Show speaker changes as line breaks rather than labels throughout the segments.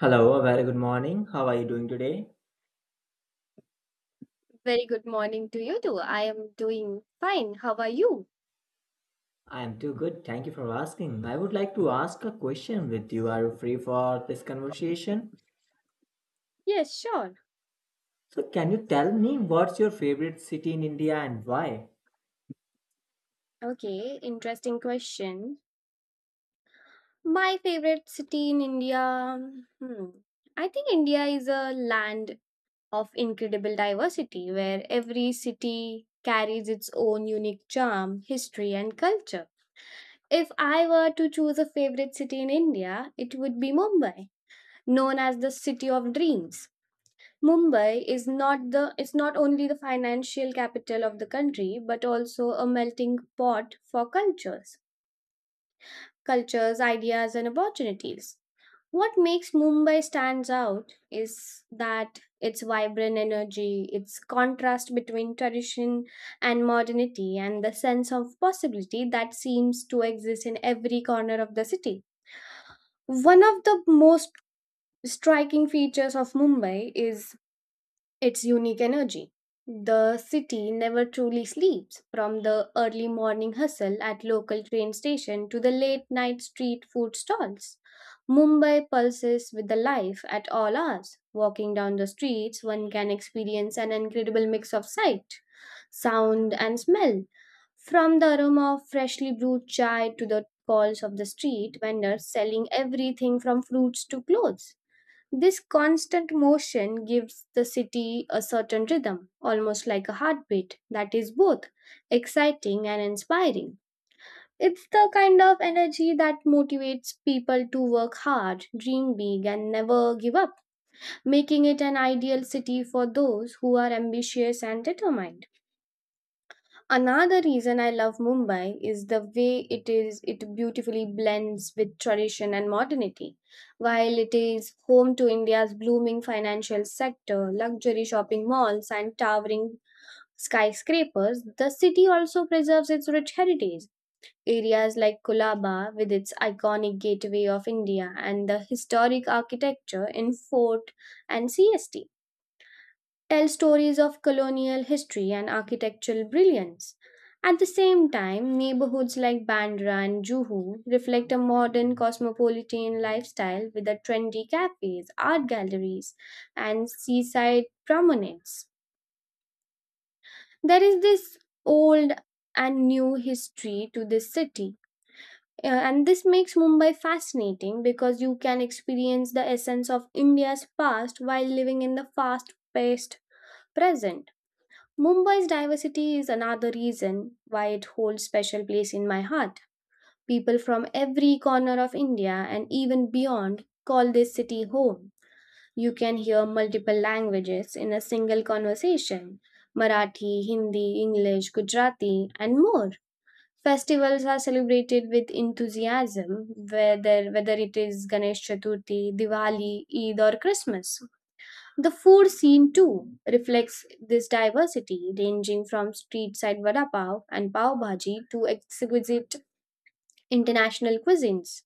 Hello, a very good morning. How are you doing today?
Very good morning to you too. I am doing fine. How are you?
I am too good. Thank you for asking. I would like to ask a question with you. Are you free for this conversation?
Yes, sure.
So, can you tell me what's your favorite city in India and why?
Okay, interesting question. My favorite city in India. Hmm. I think India is a land of incredible diversity where every city carries its own unique charm, history, and culture. If I were to choose a favorite city in India, it would be Mumbai, known as the city of dreams. Mumbai is not the is not only the financial capital of the country but also a melting pot for cultures, ideas and opportunities. What makes Mumbai stands out is that its vibrant energy, its contrast between tradition and modernity and the sense of possibility that seems to exist in every corner of the city. One of the most striking features of Mumbai is its unique energy. The city never truly sleeps, from the early morning hustle at local train station to the late night street food stalls. Mumbai pulses with the life at all hours. Walking down the streets, one can experience an incredible mix of sight, sound, and smell. From the aroma of freshly brewed chai to the calls of the street vendors selling everything from fruits to clothes. This constant motion gives the city a certain rhythm, almost like a heartbeat, that is both exciting and inspiring. It's the kind of energy that motivates people to work hard, dream big, and never give up, making it an ideal city for those who are ambitious and determined. Another reason I love Mumbai is the way it beautifully blends with tradition and modernity. While it is home to India's blooming financial sector, luxury shopping malls and towering skyscrapers, the city also preserves its rich heritage. Areas like Colaba, with its iconic gateway of India and the historic architecture in Fort and CST tell stories of colonial history and architectural brilliance. At the same time, neighborhoods like Bandra and Juhu reflect a modern cosmopolitan lifestyle with a trendy cafes, art galleries, and seaside promenades. There is this old and new history to this city. And this makes Mumbai fascinating because you can experience the essence of India's past while living in the fast paced present. Mumbai's diversity is another reason why it holds special place in my heart. People from every corner of India and even beyond call this city home. You can hear multiple languages in a single conversation: Marathi, Hindi, English, Gujarati, and more. Festivals are celebrated with enthusiasm, whether it is Ganesh Chaturthi, Diwali, Eid, or Christmas. The food scene too reflects this diversity, ranging from street side vada pav and pav bhaji to exquisite international cuisines.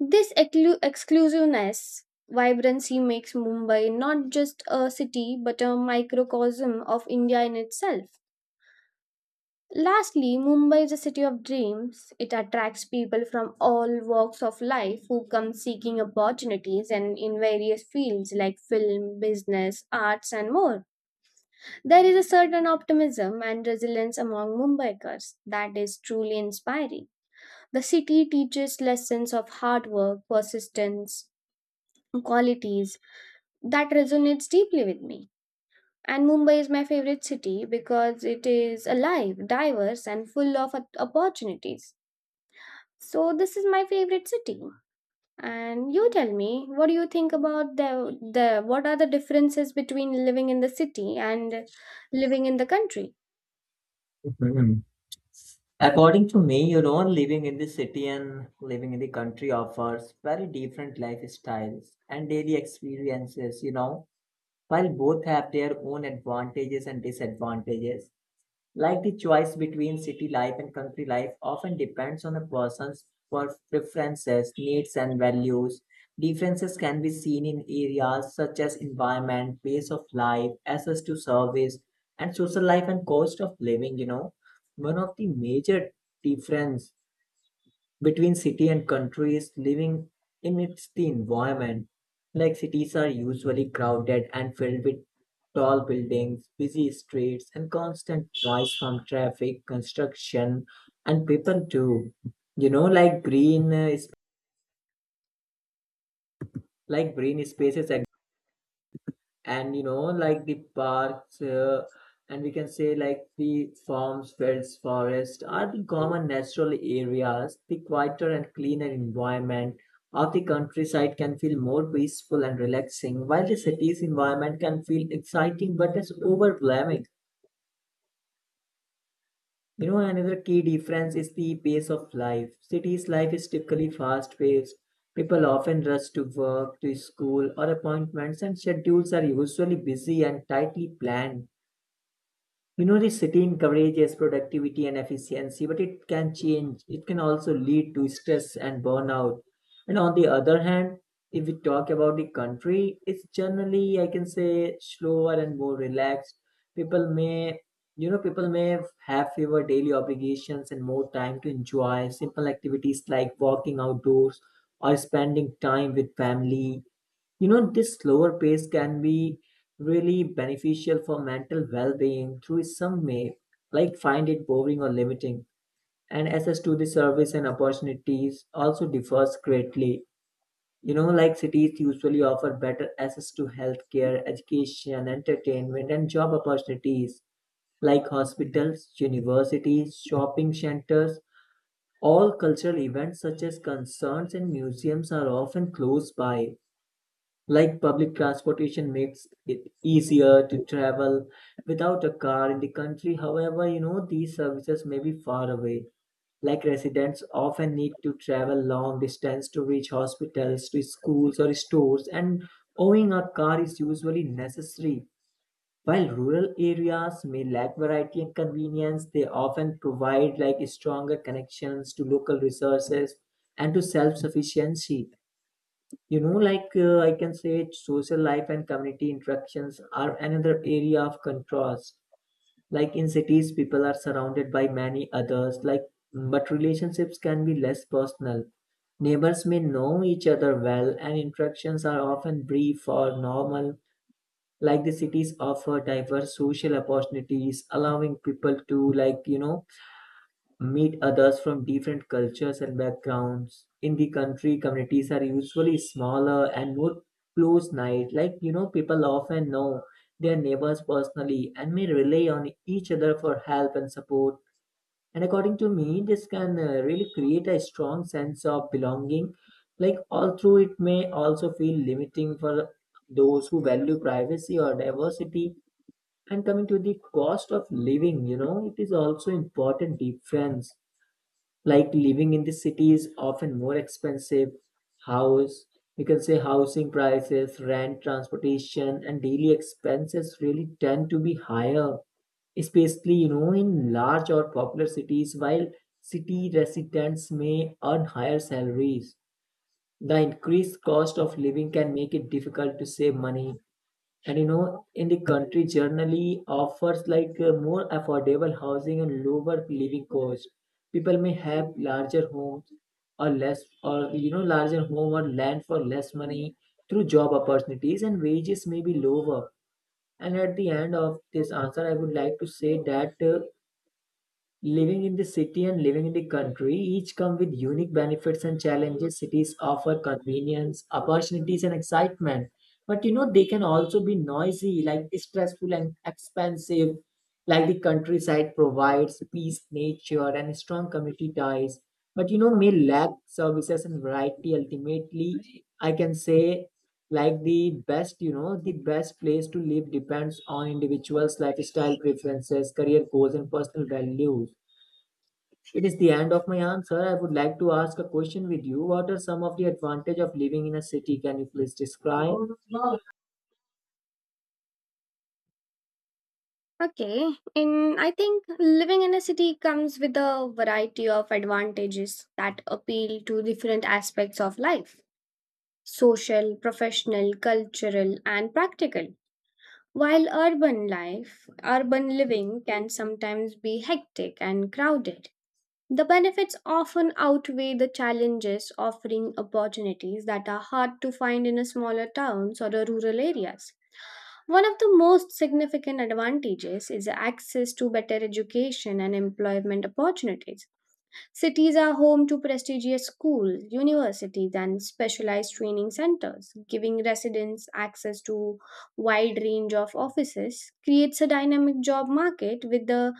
This exclusiveness vibrancy makes Mumbai not just a city but a microcosm of India in itself. Lastly, Mumbai is a city of dreams. It attracts people from all walks of life who come seeking opportunities and in various fields like film, business, arts, and more. There is a certain optimism and resilience among Mumbaikars that is truly inspiring. The city teaches lessons of hard work, persistence, qualities that resonates deeply with me. And Mumbai is my favorite city because it is alive, diverse, and full of opportunities. So this is my favorite city. And you tell me, what do you think about the what are the differences between living in the city and living in the country?
Mhm. According to me, you know, living in the city and living in the country offers very different lifestyles and daily experiences, you know, while both have their own advantages and disadvantages. Like the choice between city life and country life often depends on a person's preferences, needs, and values. Differences can be seen in areas such as environment, pace of life, access to service, and social life and cost of living. You know, one of the major difference between city and country is living amidst the environment. Like cities are usually crowded and filled with tall buildings, busy streets, and constant noise from traffic, construction, and people too. You know, like green spaces, and you know, like the parks, and we can say like the farms, fields, forests are the common natural areas. The quieter and cleaner environment of the countryside can feel more peaceful and relaxing, while the city's environment can feel exciting but is overwhelming. You know, another key difference is the pace of life. Cities' life is typically fast paced. People often rush to work, to school, or appointments, and schedules are usually busy and tightly planned. You know, this city encourages productivity and efficiency, but it can change. It can also lead to stress and burnout. And on the other hand, if we talk about the country, it's generally, I can say, slower and more relaxed. People may, people may have fewer daily obligations and more time to enjoy simple activities like walking outdoors or spending time with family. You know, this slower pace can be really beneficial for mental well-being, through some may like find it boring or limiting. And access to the service and opportunities also differs greatly. You know, like cities usually offer better access to healthcare, education, entertainment, and job opportunities like hospitals, universities, shopping centers. All cultural events such as concerts and museums are often close by. Like public transportation makes it easier to travel without a car. In the country, however, you know, these services may be far away. Like residents often need to travel long distance to reach hospitals, to schools or stores, and owning a car is usually necessary. While rural areas may lack variety and convenience, they often provide like stronger connections to local resources and to self-sufficiency. You know, like I can say social life and community interactions are another area of contrast. Like in cities, people are surrounded by many others, like, but relationships can be less personal. Neighbors may know each other well, and interactions are often brief or normal. Like the cities offer diverse social opportunities, allowing people to, like, you know, meet others from different cultures and backgrounds. In the country, communities are usually smaller and more close knit. Like, you know, people often know their neighbors personally and may rely on each other for help and support. And according to me, this can really create a strong sense of belonging. Like, although it may also feel limiting for those who value privacy or diversity. And coming to the cost of living, you know, it is also important difference. Like living in the city is often more expensive. House We can say housing prices, rent, transportation, and daily expenses really tend to be higher, especially, you know, in large or popular cities. While city residents may earn higher salaries, the increased cost of living can make it difficult to save money. And you know, in the country generally offers like more affordable housing and lower living cost. People may have larger homes, or you know, larger home or land for less money, through job opportunities, and wages may be lower. And at the end of this answer, I would like to say that living in the city and living in the country each come with unique benefits and challenges. Cities offer convenience, opportunities, and excitement. But you know, they can also be noisy, like stressful and expensive. Like the countryside provides peace, nature, and strong community ties. But you know, may lack services and variety. Ultimately, I can say, like the best, you know, the best place to live depends on individuals' lifestyle preferences, career goals, and personal values. It is the end of my answer. I would like to ask a question with you. What are some of the advantage of living in a city? Can you please describe?
Okay, and I think living in a city comes with a variety of advantages that appeal to different aspects of life: social, professional, cultural, and practical. While urban living can sometimes be hectic and crowded. The benefits often outweigh the challenges, offering opportunities that are hard to find in a smaller towns or the rural areas. One of the most significant advantages is access to better education and employment opportunities. Cities are home to prestigious schools, universities, and specialized training centers. Giving residents access to wide range of offices creates a dynamic job market with the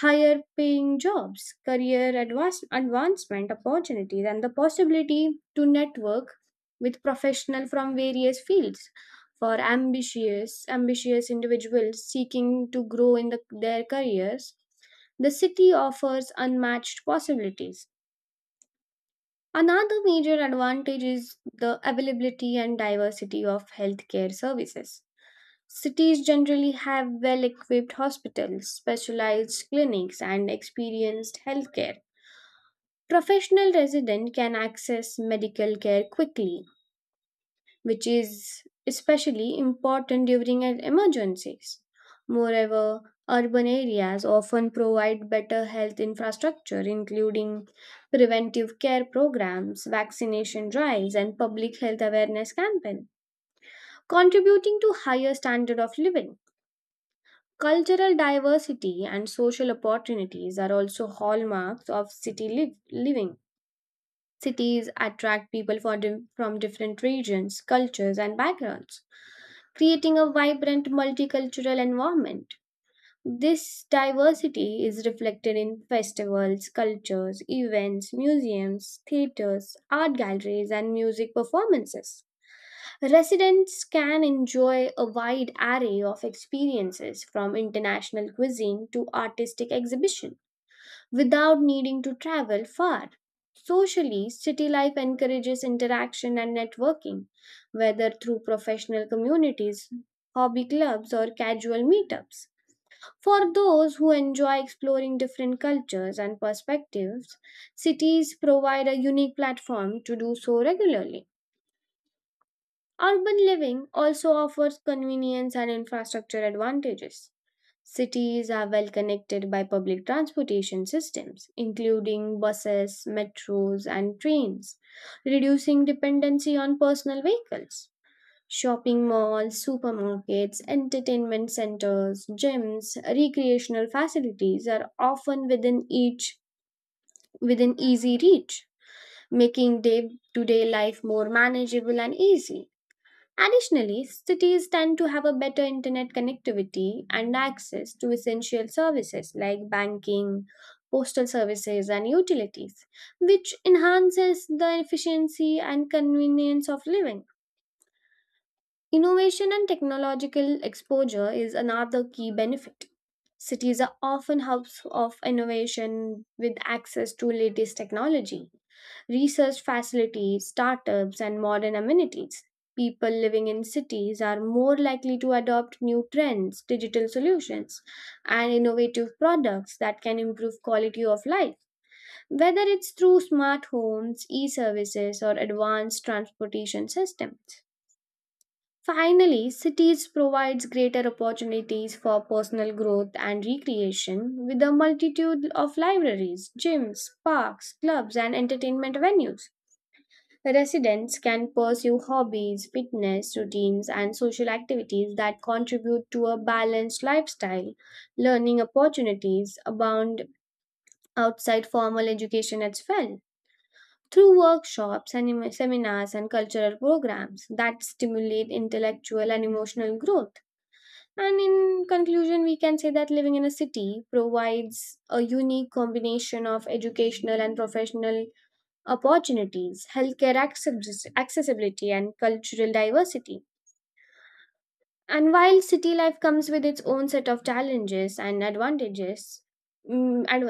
higher paying jobs, career advancement opportunities, and the possibility to network with professionals from various fields for ambitious individuals seeking to grow in their careers the city offers unmatched possibilities. Another major advantage is the availability and diversity of healthcare services. Cities generally have well equipped hospitals, specialized clinics, and experienced healthcare. Professional residents can access medical care quickly, which is especially important during an emergencies. Moreover, urban areas often provide better health infrastructure, including preventive care programs, vaccination drives, and public health awareness campaigns, contributing to higher standard of living. Cultural diversity and social opportunities are also hallmarks of city living. Cities attract people from different regions, cultures, and backgrounds creating a vibrant multicultural environment. This diversity is reflected in festivals, cultures, events, museums, theaters, art galleries, and music performances. Residents can enjoy a wide array of experiences from international cuisine to artistic exhibition without needing to travel far. Socially, city life encourages interaction and networking, whether through professional communities, hobby clubs, or casual meetups. For those who enjoy exploring different cultures and perspectives, cities provide a unique platform to do so regularly. Urban living also offers convenience and infrastructure advantages. Cities are well connected by public transportation systems, including buses, metros, and trains, reducing dependency on personal vehicles. Shopping malls, supermarkets, entertainment centers, gyms, recreational facilities are often within easy reach, making day-to-day life more manageable and easy. Additionally, cities tend to have a better internet connectivity and access to essential services like banking, postal services, and utilities, which enhances the efficiency and convenience of living. Innovation and technological exposure is another key benefit. Cities are often hubs of innovation with access to latest technology, research facilities, startups, and modern amenities. People living in cities are more likely to adopt new trends, digital solutions, and innovative products that can improve quality of life. Whether it's through smart homes, e services, or advanced transportation systems, finally, cities provides greater opportunities for personal growth and recreation with a multitude of libraries, gyms, parks, clubs and entertainment venues. Residents can pursue hobbies, fitness routines and social activities that contribute to a balanced lifestyle. Learning opportunities abound outside formal education as well through workshops and seminars and cultural programs that stimulate intellectual and emotional growth. And in conclusion, we can say that living in a city provides a unique combination of educational and professional opportunities, healthcare accessibility, and cultural diversity. And while city life comes with its own set of challenges and advantages, and